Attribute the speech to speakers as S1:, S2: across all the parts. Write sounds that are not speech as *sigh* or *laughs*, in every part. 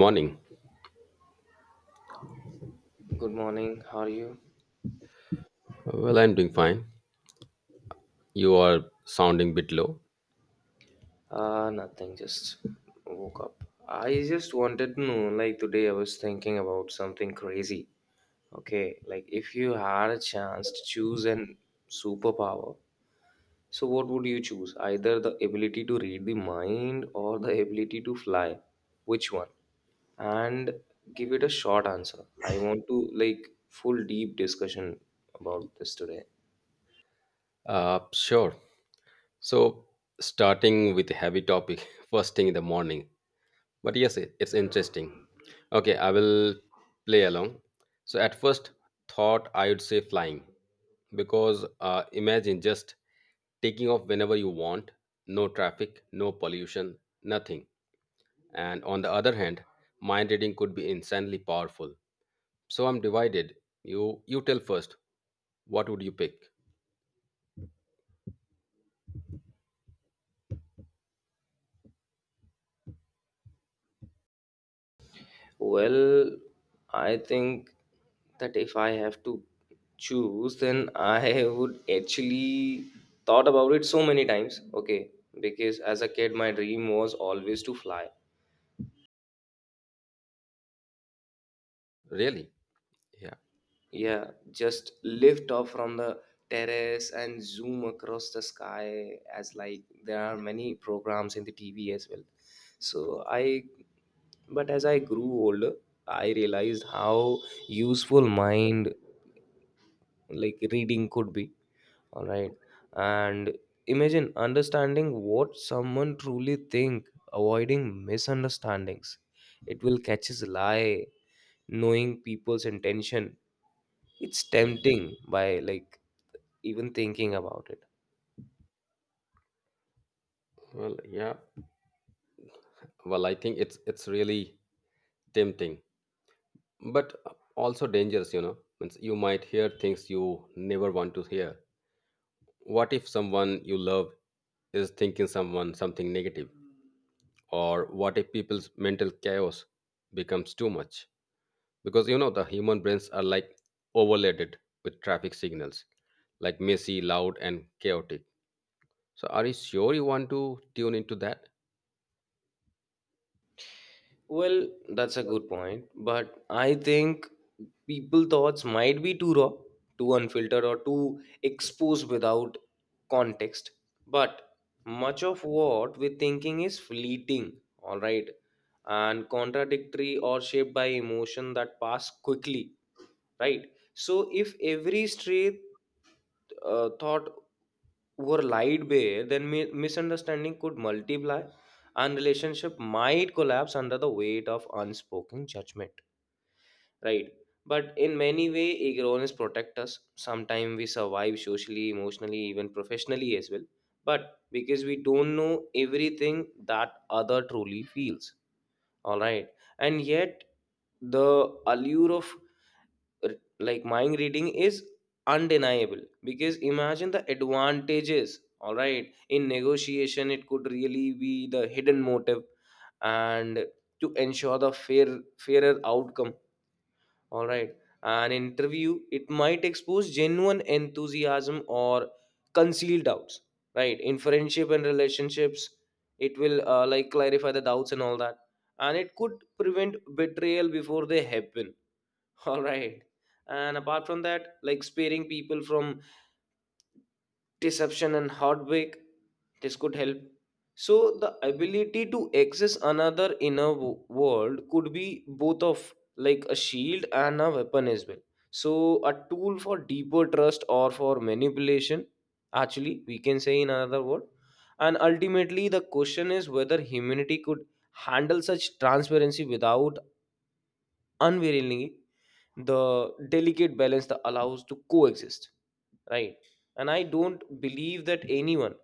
S1: Morning.
S2: Good morning. How are you?
S1: Well, I'm doing fine. You are sounding bit low.
S2: Nothing. Just woke up. I just wanted to know, like today, I was thinking about something crazy. Okay, like if you had a chance to choose an superpower, so what would you choose? Either the ability to read the mind or the ability to fly. Which one? And give it a short answer. I want to like full deep discussion about this today.
S1: Sure. So, starting with a heavy topic, *laughs* first thing in the morning. But yes, it's interesting. Okay, I will play along. So, at first thought, I would say flying because imagine just taking off whenever you want, no traffic, no pollution, nothing. And on the other hand, mind reading could be insanely powerful. So I'm divided. You tell first. What would you pick?
S2: Well, I think that if I have to choose, then I would actually thought about it so many times. Okay, because as a kid, my dream was always to fly.
S1: Really? Yeah.
S2: Yeah, just lift off from the terrace and zoom across the sky, as like there are many programs in the TV as well. So I, but as I grew older, I realized how useful mind like reading could be, all right, and imagine understanding what someone truly think, avoiding misunderstandings, it will catch his lie, knowing people's intention, it's tempting by like even thinking about it.
S1: Well, yeah. Well, I think it's really tempting, but also dangerous, you know. Means you might hear things you never want to hear. What if someone you love is thinking someone something negative? Or what if people's mental chaos becomes too much? Because you know the human brains are like overloaded with traffic signals, like messy, loud, and chaotic. So, are you sure you want to tune into that?
S2: Well, that's a good point, but I think people thoughts might be too raw, too unfiltered, or too exposed without context. But much of what we're thinking is fleeting, all right, and contradictory or shaped by emotion that pass quickly, right? So if every stray thought were lied bare, then misunderstanding could multiply and relationship might collapse under the weight of unspoken judgment. Right. But in many way, ignorance protect us. Sometimes we survive socially, emotionally, even professionally as well. But because we don't know everything that other truly feels. All right. And yet the allure of r- like mind reading is undeniable, because imagine the advantages, all right, in negotiation it could really be the hidden motive and to ensure the fair fairer outcome, all right, an interview, it might expose genuine enthusiasm or concealed doubts, right, in friendship and relationships it will like clarify the doubts and all that, and it could prevent betrayal before they happen. *laughs* All right. And apart from that, like sparing people from deception and heartbreak, this could help. So, the ability to access another inner world could be both of like a shield and a weapon as well. So, a tool for deeper trust or for manipulation, actually, we can say in another word. And ultimately, the question is whether humanity could handle such transparency without unwillingly the delicate balance that allows to coexist, right, and I don't believe that anyone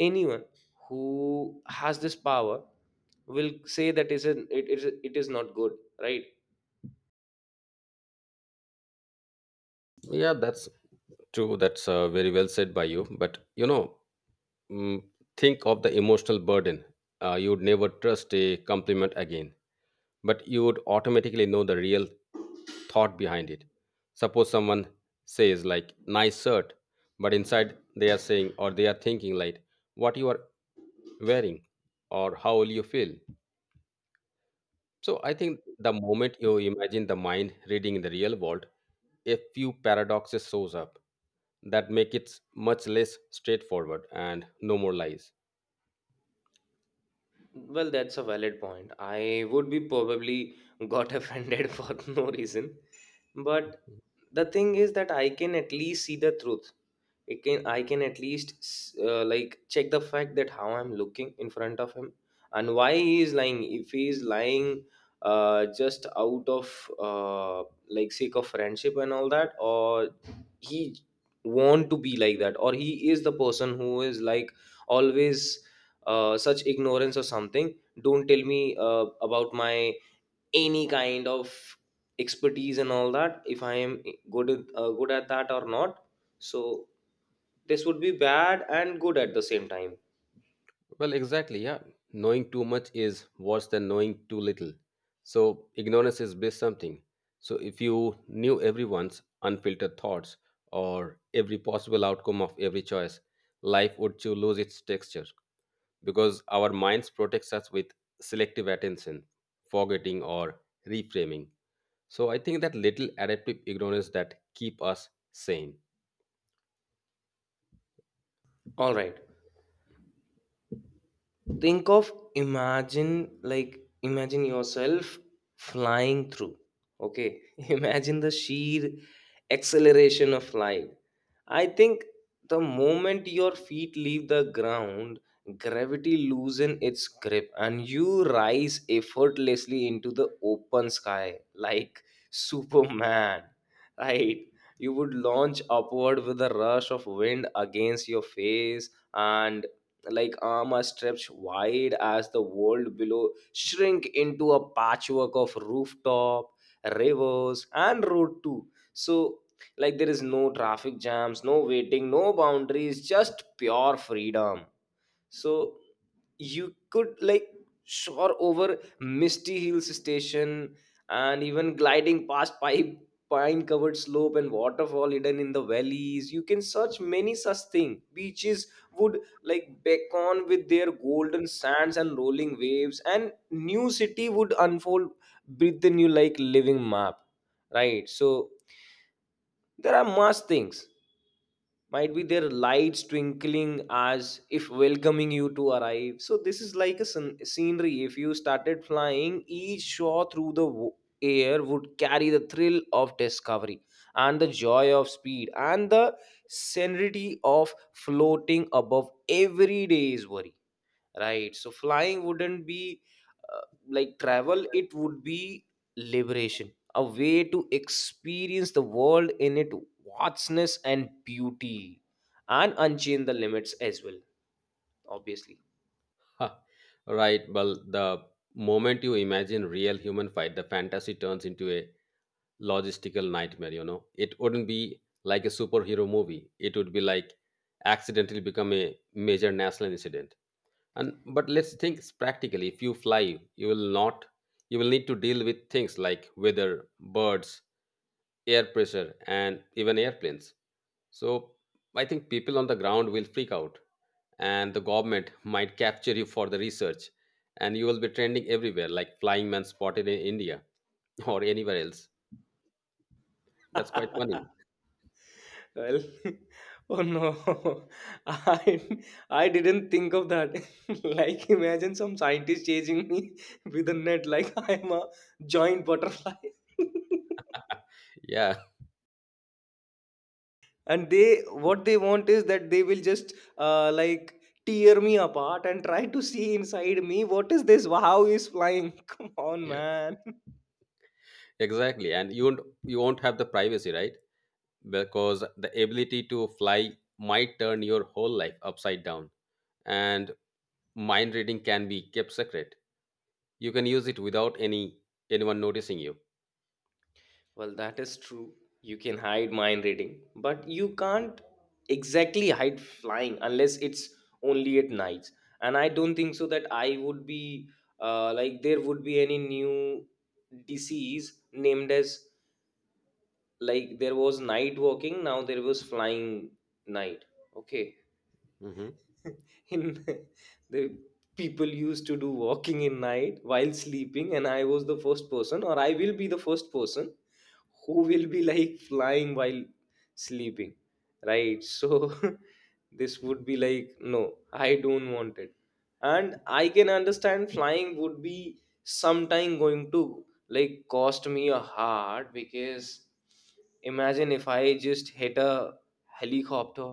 S2: anyone who has this power will say that isn't it is not good, right.
S1: Yeah, that's true. That's very well said by you. But you know, mm, think of the emotional burden. You would never trust a compliment again, but you would automatically know the real thought behind it. Suppose someone says like "nice shirt," but inside they are saying or they are thinking like "what you are wearing" or "how will you feel?" So I think the moment you imagine the mind reading in the real world, a few paradoxes shows up that make it much less straightforward and no more lies.
S2: Well, that's a valid point. I would be probably got *laughs* offended for no reason, but the thing is that I can at least see the truth. It can i can at least like check the fact that how I'm looking in front of him and why he is lying, if he is lying, just out of like sake of friendship and all that, or he want to be like that, or he is the person who is like always such ignorance or something. Don't tell me about my any kind of expertise and all that, if I am good at that or not. So this would be bad and good at the same time.
S1: Well, exactly, yeah. Knowing too much is worse than knowing too little. So ignorance is bliss something. So if you knew everyone's unfiltered thoughts or every possible outcome of every choice, life would to lose its texture. Because our minds protects us with selective attention, forgetting, or reframing. So I think that little adaptive ignorance that keep us sane.
S2: All right, think of, imagine, imagine yourself flying through. Okay, *laughs* imagine the sheer acceleration of light. I think the moment your feet leave the ground, gravity loosens its grip and you rise effortlessly into the open sky like, *laughs* Superman, right? You would launch upward with a rush of wind against your face and like arm are stretched wide as the world below shrink into a patchwork of rooftop, rivers and road too. So like there is no traffic jams, no waiting, no boundaries, just pure freedom. So you could like soar over misty hills station and even gliding past pipe pine covered slope and waterfall hidden in the valleys. You can search many such thing. Beaches would like beckon with their golden sands and rolling waves, and new city would unfold with the new like living map, right. So there are much things, might be their lights twinkling as if welcoming you to arrive. So this is like a scenery if you started flying. Each shot through the air would carry the thrill of discovery, and the joy of speed, and the serenity of floating above everyday's worry, right. So flying wouldn't be uh, like travel, it would be liberation, a way to experience the world in its vastness and beauty, and unchain the limits as well, obviously.
S1: Ha, right. Well, the moment you imagine real human fight, the fantasy turns into a logistical nightmare, you know. It wouldn't be like a superhero movie. It would be like accidentally become a major national incident. And but let's think practically. If you fly, you will not you will need to deal with things like weather, birds, air pressure, and even airplanes. So I think people on the ground will freak out, and the government might capture you for the research. And you will be trending everywhere, like flying man spotted in India, *laughs* or anywhere else. That's quite funny.
S2: *laughs* Well, *laughs* oh no, *laughs* i I didn't think of that. *laughs* Like imagine some scientist chasing me *laughs* with a net like I'm a giant butterfly. *laughs*
S1: Yeah.
S2: And they, what they want is that they will just like tear me apart and try to see inside me what is this. How is flying? *laughs* Come on
S1: Yeah,
S2: man. *laughs*
S1: exactly. And you won't have the privacy, right? Because the ability to fly might turn your whole life upside down. And mind reading can be kept secret. You can use it without anyone noticing you.
S2: Well, that is true. You can hide mind reading, but you can't exactly hide flying unless it's only at nights. And I don't think so that I would be like there would be any new disease named as, like there was night walking, now there was flying night, okay.
S1: Hmm.
S2: *laughs* In *laughs* the, people used to do walking in night while sleeping, and I was the first person, or I will be the first person who will be like flying while sleeping, right. So *laughs* this would be like no, I don't want it. And I can understand flying would be sometime going to like cost me a heart, because imagine if I just hit a helicopter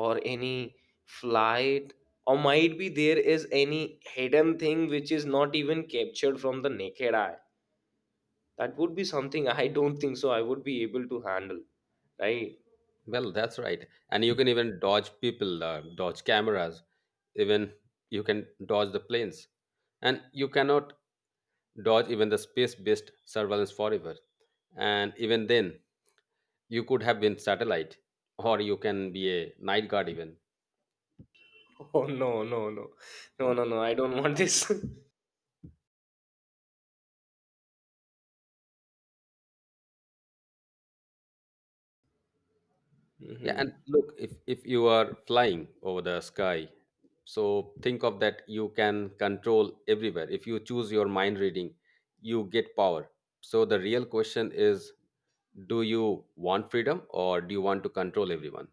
S2: or any flight, or might be there is any hidden thing which is not even captured from the naked eye. That would be something I don't think so I would be able to handle, right.
S1: Well, that's right. And you can even dodge people, dodge cameras, even you can dodge the planes. And you cannot dodge even the space based surveillance forever. And even then, you could have been satellite or you can be a night guard even.
S2: *laughs* Oh, no, no, no, no, no, no, I don't want this. *laughs*
S1: Yeah,
S2: Hmm.
S1: and look, if you are flying over the sky, so think of that you can control everywhere. If you choose your mind reading, you get power. So the real question is, do you want freedom or do you want to control everyone?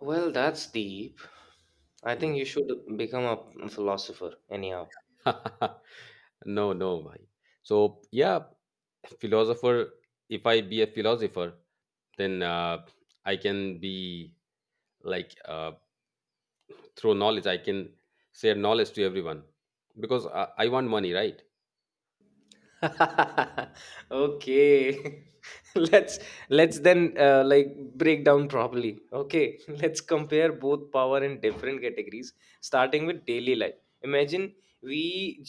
S2: Well, that's deep. I
S1: Hmm.
S2: think you should become a philosopher anyhow.
S1: *laughs* No, no, bhai. So yeah, philosopher. If I be a philosopher, then I can be like through knowledge, I can share knowledge to everyone because I want money, right?
S2: *laughs* Okay, *laughs* let's let's then like break down properly. Okay, *laughs* let's compare both power in different categories, starting with daily life. Imagine we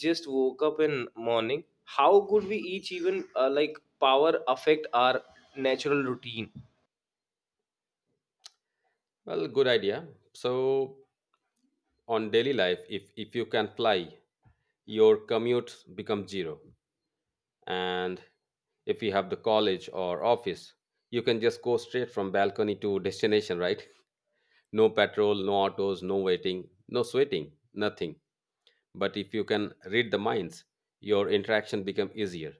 S2: just woke up in morning, how could we each even like power affect our natural routine.
S1: Well, good idea. So, on daily life, if you can fly, your commute becomes zero. And if you have the college or office, you can just go straight from balcony to destination, right? No patrol, no autos, no waiting, no sweating, nothing. But if you can read the minds, your interaction become easier,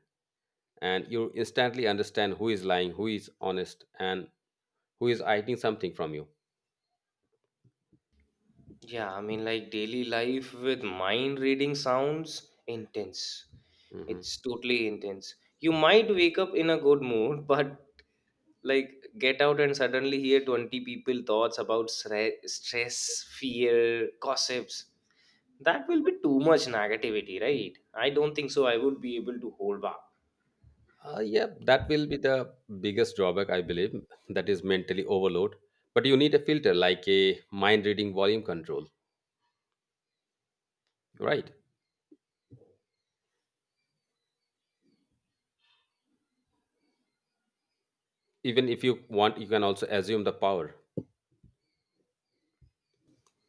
S1: and you instantly understand who is lying, who is honest, and who is hiding something from you.
S2: Yeah, I mean, like daily life with mind reading sounds intense.
S1: Mhm.
S2: It's totally intense. You might wake up in a good mood, *laughs* but like get out and suddenly hear 20 people thoughts about stress, fear, gossips. That will be too much negativity, right? I don't think so. I would be able to hold back.
S1: Yeah, that will be the biggest drawback, I believe. That is mentally overload. But you need a filter like a mind reading volume control, right? Even if you want, you can also assume the power.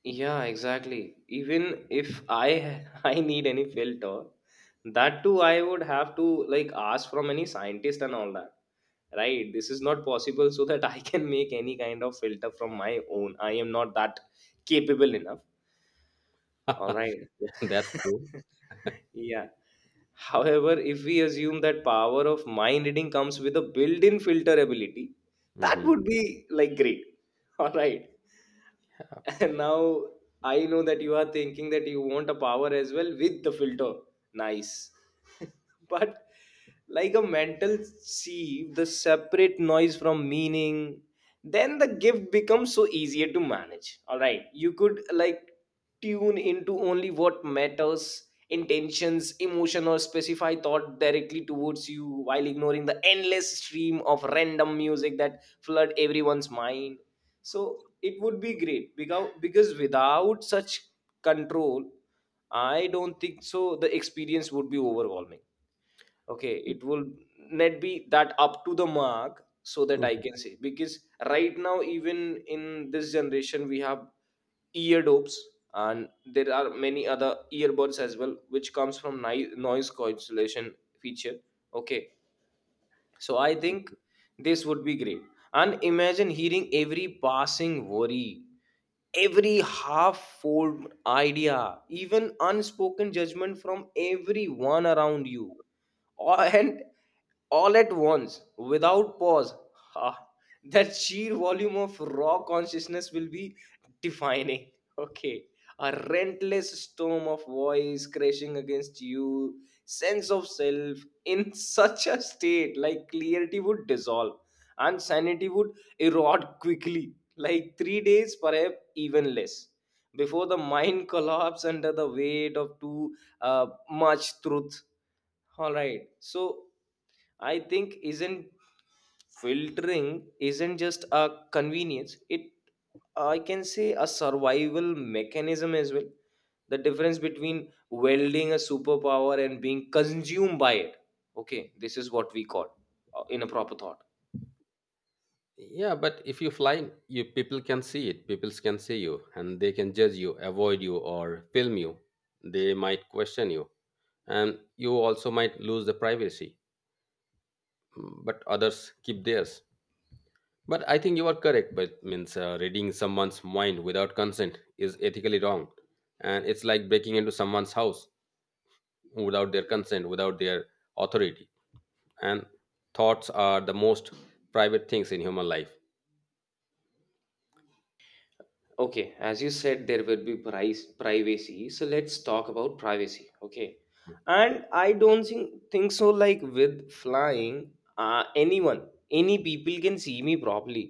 S2: Yeah, exactly. Even if I *laughs* I need any filter, that too I would have to like ask from any scientist and all that. Right? This is not possible so that I can make any kind of filter from my own. I am not that capable enough. All
S1: *laughs*
S2: right.
S1: Yeah, that's true.
S2: *laughs* Yeah. However, if we assume that power of mind reading comes with a built-in filter ability, that
S1: Hmm.
S2: would be like great. *laughs* All right. *laughs* And now I know that you are thinking that you want a power as well with the filter. Nice. *laughs* But like a mental sieve, the separate noise from meaning, then the gift becomes so easier to manage. All right. You could like tune into only what matters, intentions, emotion, or specify thought directly towards you, while ignoring the endless stream of random music that flood everyone's mind. So it would be great, because without such control, I don't think so the experience would be overwhelming. Okay, it will not be that up to the mark so that I can say, because right now even in this generation we have ear dopes, and there are many other earbuds as well which comes from noise cancellation feature, okay. So I think this would be great. And imagine hearing every passing worry, every half formed idea, even unspoken judgment from everyone around you, all, and all at once without pause. Ah, that sheer volume of raw consciousness will be defining. *laughs* Okay, a relentless storm of voice crashing against you sense of self. In *laughs* such a state, like clarity would dissolve and sanity would erode quickly, like 3 days, perhaps even less, before the mind *laughs* collapse under the weight of too uh, much truth. All right. So I think, isn't filtering isn't just a convenience. It, I can say a survival mechanism as well. The difference between welding a superpower and being consumed by it. Okay, this is what we call in a proper thought.
S1: Yeah, but if you fly, you people can see it. People can see you, and they can judge you, avoid you, or film you. They might question you, and you also might lose the privacy. Mm. But others keep theirs. But I think you are correct. But means reading someone's mind without consent is ethically wrong, and it's like breaking into someone's house without their consent, without their authority. And thoughts are the most private things in human life.
S2: Okay, as you said, there will be price privacy. So let's talk about privacy. Okay, and I don't think so. Like with flying, anyone, any people can see me properly.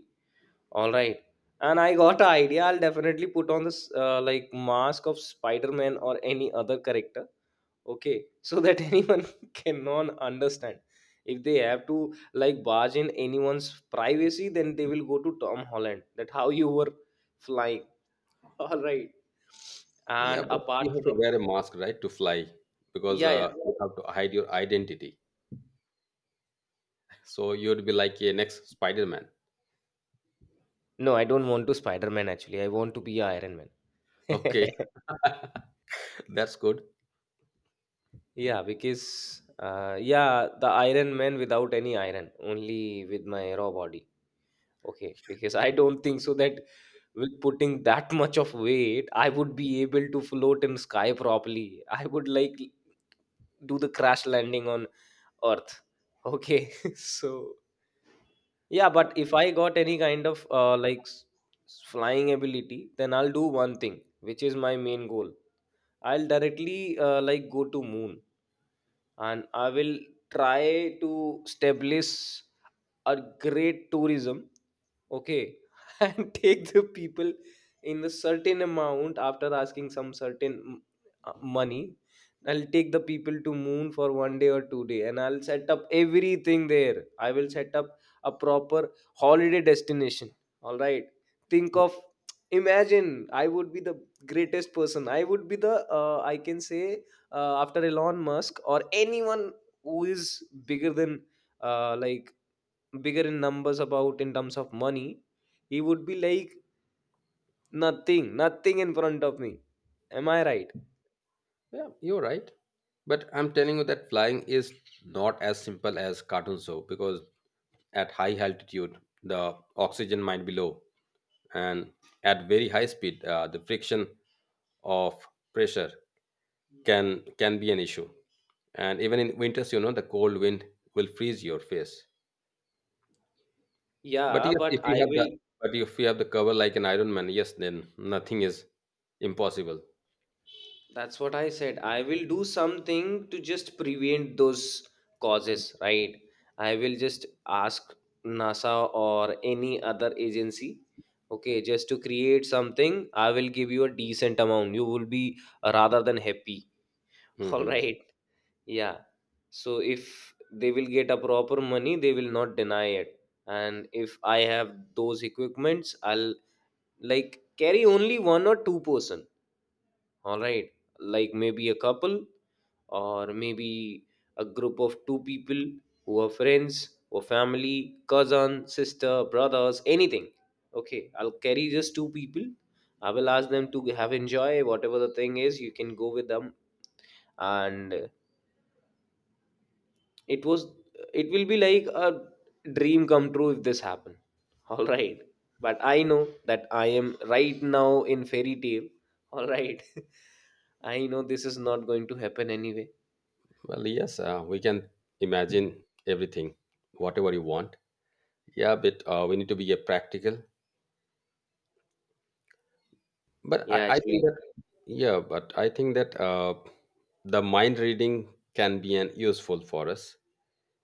S2: All right, and I got an idea. I'll definitely put on this like mask of Spider Man or any other character. Okay, so that *laughs* anyone cannot understand. If they have to, like, barge in anyone's privacy, then they will go to Tom Holland. That how you were flying, all right.
S1: Yeah,
S2: And
S1: but *laughs*
S2: apart
S1: you have to
S2: from,
S1: wear a mask, right, to fly because
S2: yeah, yeah.
S1: you have to hide your identity. So you'd be like a next Spider-Man.
S2: No, I don't want to Spider-Man actually. I want to be a Iron Man.
S1: Okay,
S2: *laughs*
S1: *laughs* that's good.
S2: Yeah, because yeah, the Iron Man without any iron, only with my raw body. Okay, because I don't think so that with putting that much of weight, I would be able to float in sky properly. I would like do the crash landing on Earth. Okay, *laughs* so yeah, but if I got any kind of like flying ability, then I'll do one thing, which is my main goal. I'll directly like go to moon and I will try to establish a great tourism. Okay, *laughs* and take the people in the certain amount after asking some certain money. I'll take the people to moon for 1 day or 2 day, and I'll set up everything there. I will set up a proper holiday destination. All right. Think of, imagine I would be the greatest person. I would be the I can say after Elon Musk or anyone who is bigger than like bigger in numbers about in terms of money. He would be like nothing in front of me. Am I right?
S1: Yeah, you're right. But I'm telling you that flying is not as simple as cartoons show because at high altitude the oxygen might be low, and at very high speed the friction of pressure can be an issue. And even in winters, you know, the cold wind will freeze your face. But
S2: Yeah,
S1: yes,
S2: but
S1: if you
S2: I
S1: have the
S2: will.
S1: but if you have the cover like an Iron Man, yes, then nothing is impossible.
S2: That's what I said. I will do something to just prevent those causes, right? I will just ask NASA or any other agency, okay, just to create something. I will give you a decent amount. You will be rather than happy. *laughs* All
S1: Hmm.
S2: right. Yeah. So if they will get a proper money, they will not deny it. And if I have those equipments, I'll like carry only one or two person. All right. Like maybe a couple or maybe a group of two people who are friends or family, cousin, sister, brothers, anything. Okay. I'll carry just two people. I will ask them to have enjoy whatever the thing is. You can go with them, and it was it will be like a dream come true if this happen. *laughs* All right. But I know that I am right now in fairy tale, all right. *laughs* I know this is not going to happen anyway.
S1: Well, yes, we can imagine everything, whatever you want. Yeah, but we need to be practical. But
S2: Yeah,
S1: I think
S2: actually,
S1: that, Yeah, but I think that the mind reading can be an useful for us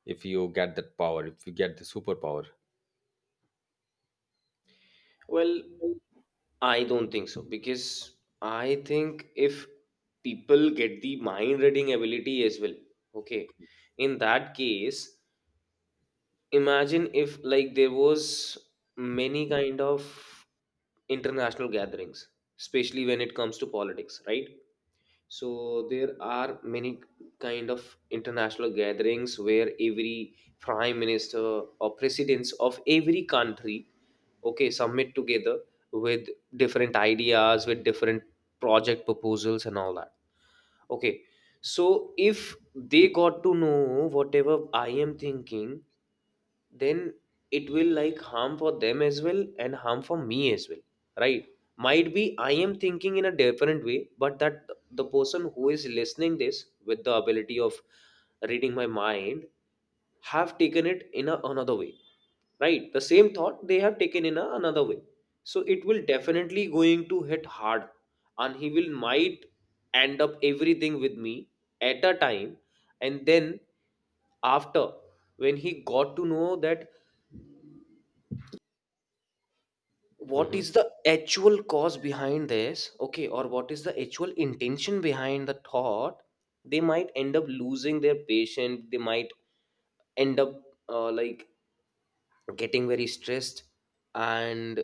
S1: if you get that power, if you get the superpower.
S2: well, I don't think so, because I think if people get the mind reading ability as well, okay, in that case, imagine if, like, there was many kind of international gatherings, especially when it comes to politics, right? So there are many kind of international gatherings where every prime minister or presidents of every country, okay, submit together with different ideas, with different project proposals and all that, okay. So if they got to know whatever I am thinking, then it will like harm for them as well and harm for me as well, right? Might be I am thinking in a different way, but that the person who is listening this with the ability of reading my mind have taken it in another way, right? The same thought they have taken in another way. So it will definitely going to hit hard, and he will might end up everything with me at a time. And then after, when he got to know that what
S1: Hmm.
S2: is the actual cause behind this, okay, or what is the actual intention behind the thought, they might end up losing their patient. They might end up like getting very stressed, and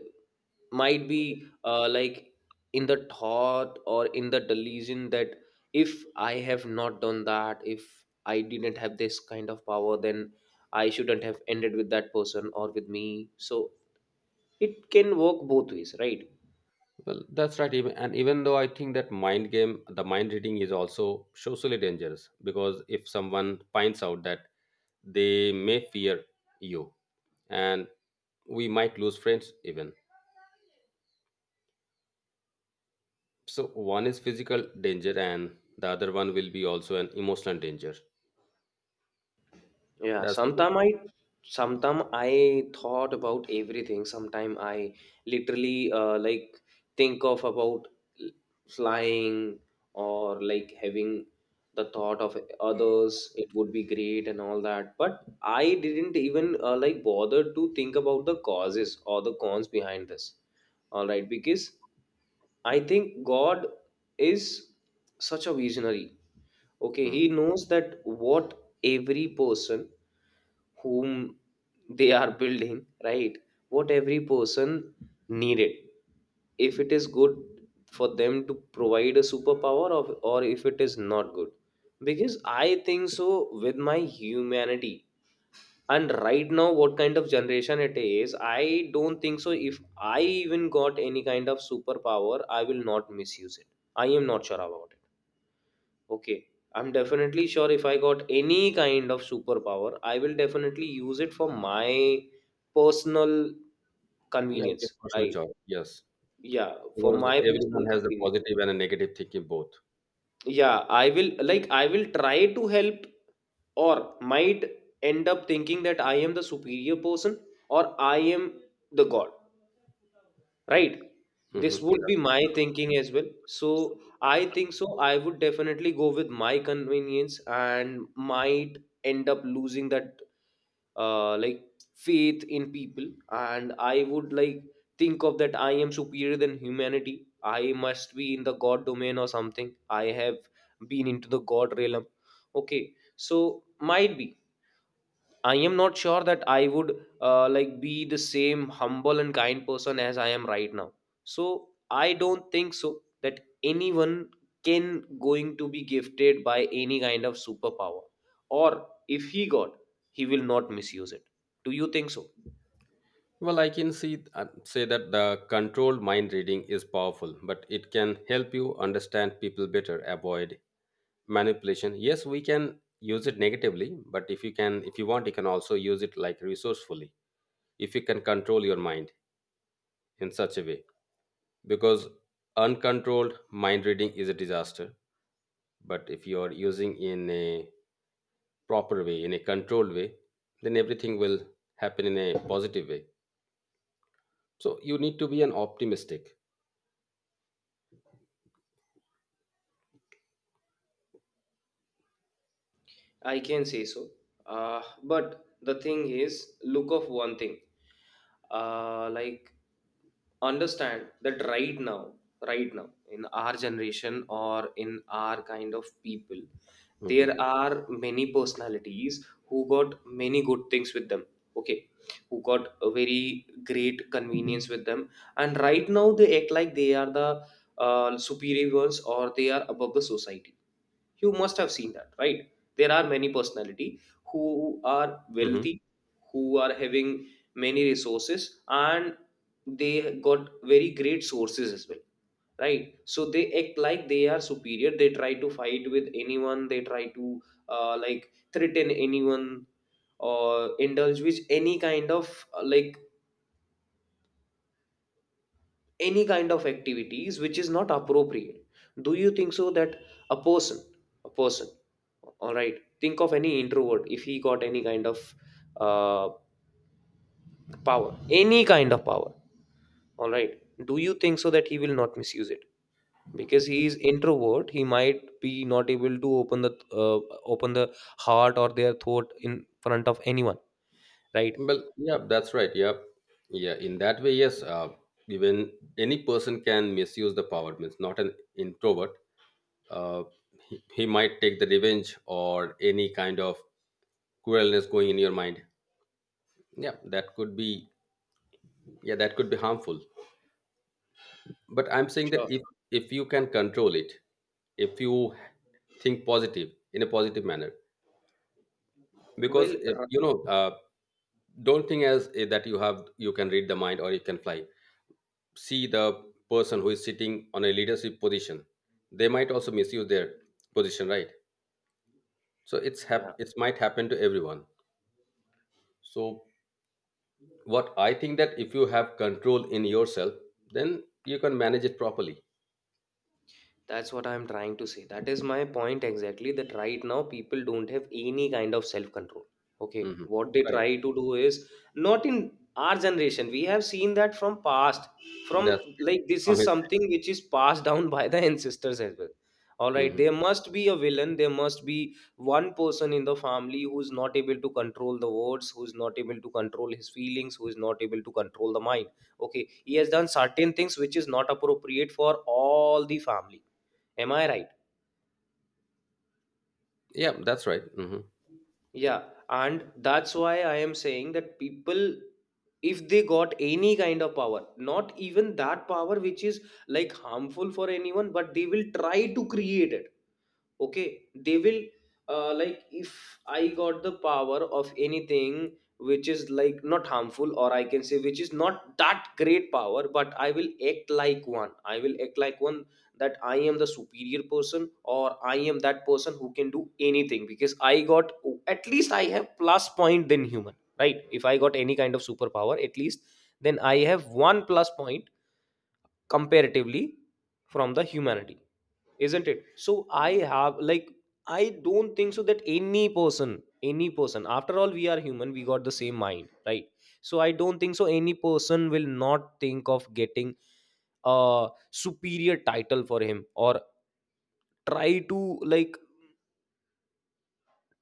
S2: might be like in the thought or in the delusion that if I have not done that, if I didn't have this kind of power, then I shouldn't have ended with that person or with me. So it can work both ways, right?
S1: Well, that's right. Even and even though I think that mind game, the mind reading is also socially dangerous because if someone finds out that they may fear you, and we might lose friends even. So one is physical danger, and the other one will be also an emotional danger.
S2: Yeah,
S1: That's
S2: sometime I thought about everything. Sometime I literally like think of about flying or like having the thought of others. It would be great and all that. But I didn't even like bother to think about the causes or the cons behind this. All right, because I think God is such a visionary. Okay,
S1: Hmm.
S2: he knows that what every person whom they are building, right, what every person needed, if it is good for them to provide a superpower of, or if it is not good. Because I think so with my humanity and right now what kind of generation it is, I don't think so if I even got any kind of superpower I will not misuse it. I am not sure about it. Okay. I'm definitely sure if I got any kind of superpower, I will definitely use it for my personal
S1: Yeah, yeah,
S2: convenience.
S1: personal
S2: Right.
S1: choice. Yes,
S2: Yeah. For
S1: because
S2: my personal
S1: everyone has a
S2: convenience.
S1: positive and a negative thinking both.
S2: Yeah. I will try to help, or might end up thinking that I am the superior person or I am the God. Right. This
S1: Hmm.
S2: would be my thinking as well. So I think so. I would definitely go with my convenience and might end up losing that like faith in people, and I would like think of that I am superior than humanity. I must be in the god domain or something. I have been into the god realm. Okay, so might be I am not sure that I would like be the same humble and kind person as I am right now. So I don't think so that anyone can going to be gifted by any kind of superpower, or if he got, he will not misuse it. Do you think so?
S1: Well, I can see say that the controlled mind reading is powerful, but it can help you understand people better, avoid manipulation. Yes, we can use it negatively, but if you can, if you want, you can also use it like resourcefully. If you can control your mind in such a way. Because uncontrolled mind reading is a disaster, but if you are using in a proper way, in a controlled way, then everything will happen in a positive way. So you need to be an optimistic.
S2: I can say so. But the thing is, look of one thing. Like understand that right now, in our generation or in our kind of people,
S1: Hmm.
S2: there are many personalities who got many good things with them. Okay, who got a very great convenience with them, and right now they act like they are the superior ones, or they are above the society. You must have seen that, right? There are many personality who are
S1: Hmm.
S2: wealthy, who are having many resources, and they got very great sources as well, right? So they act like they are superior. They try to fight with anyone, they try to like threaten anyone or indulge with any kind of like any kind of activities which is not appropriate. Do you think so that a person, a person, all right, think of any introvert, if he got any kind of uh, power, any kind of power, all right, do you think so that he will not misuse it? Because he is introvert, he might be not able to open the open the heart or their thought in front of anyone, right?
S1: Well, yeah, that's right. Yeah, yeah, in that way, yes. Even any person can misuse the power, means not an introvert. uh, he might take the revenge or any kind of cruelness going in your mind. Yeah, that could be. Yeah, that could be harmful. But I'm saying that
S2: Sure.
S1: if you can control it, if you think positive in a positive manner. Because
S2: Well,
S1: if, you know don't think as that you have you can read the mind or you can fly. See, the person who is sitting on a leadership position, they might also misuse their position, right? So
S2: yeah.
S1: it might happen to everyone. So what I think that if you have control in yourself, then you can manage it properly.
S2: That's what I'm trying to say. That is my point exactly, that right now people don't have any kind of self control. Okay,
S1: Hmm.
S2: what they
S1: Right.
S2: try to do is not in our generation. We have seen that from past, from,
S1: That's
S2: like, this
S1: from
S2: is
S1: his.
S2: something which is passed down by the ancestors as well. All right,
S1: Hmm.
S2: there must be a villain, there must be one person in the family who's not able to control the words, who's not able to control his feelings, who is not able to control the mind. Okay, he has done certain things which is not appropriate for all the family. Am I right?
S1: Yeah, that's right. Hmm.
S2: Yeah, and that's why I am saying that people, if they got any kind of power, not even that power which is like harmful for anyone, but they will try to create it. Okay, they will like, if I got the power of anything which is like not harmful, or I can say which is not that great power, but I will act like one, I will act like one, that I am the superior person, or I am that person who can do anything, because I got, at least I have plus point than human, right? If I got any kind of superpower, at least then I have one plus point, comparatively, from the humanity, isn't it? So I have like, I don't think so that any person, any person, after all we are human, we got the same mind, right? So I don't think so any person will not think of getting a superior title for him, or try to, like,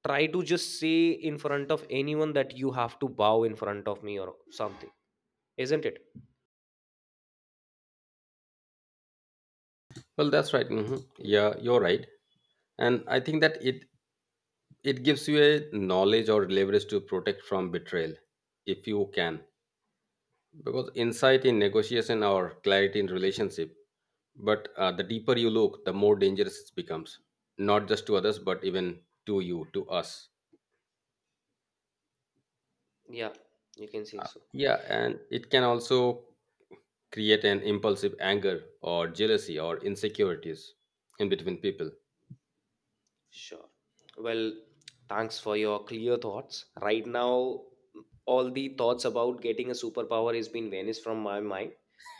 S2: try to just say in front of anyone that you have to bow in front of me or something, isn't it?
S1: Well, that's right. Hmm. Yeah, you're right. And I think that it gives you a knowledge or leverage to protect from betrayal if you can. Because insight in negotiation or clarity in relationship, but the deeper you look, the more dangerous it becomes, not just to others, but even to you, to us.
S2: Yeah, you can say
S1: Uh,
S2: so.
S1: Yeah, and it can also create an impulsive anger or jealousy or insecurities in between people.
S2: Sure. Well, thanks for your clear thoughts. Right now, all the thoughts about getting a superpower has been vanished from my mind.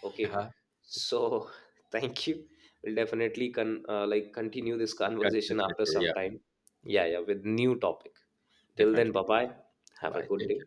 S2: Okay,
S1: Yeah,
S2: so *laughs* thank you. We'll definitely con like continue this conversation
S1: continuous
S2: after
S1: later. Yeah,
S2: some time. Yeah, yeah, with new topic. Till then,
S1: definitely.
S2: bye bye. Have a
S1: Bye.
S2: good day.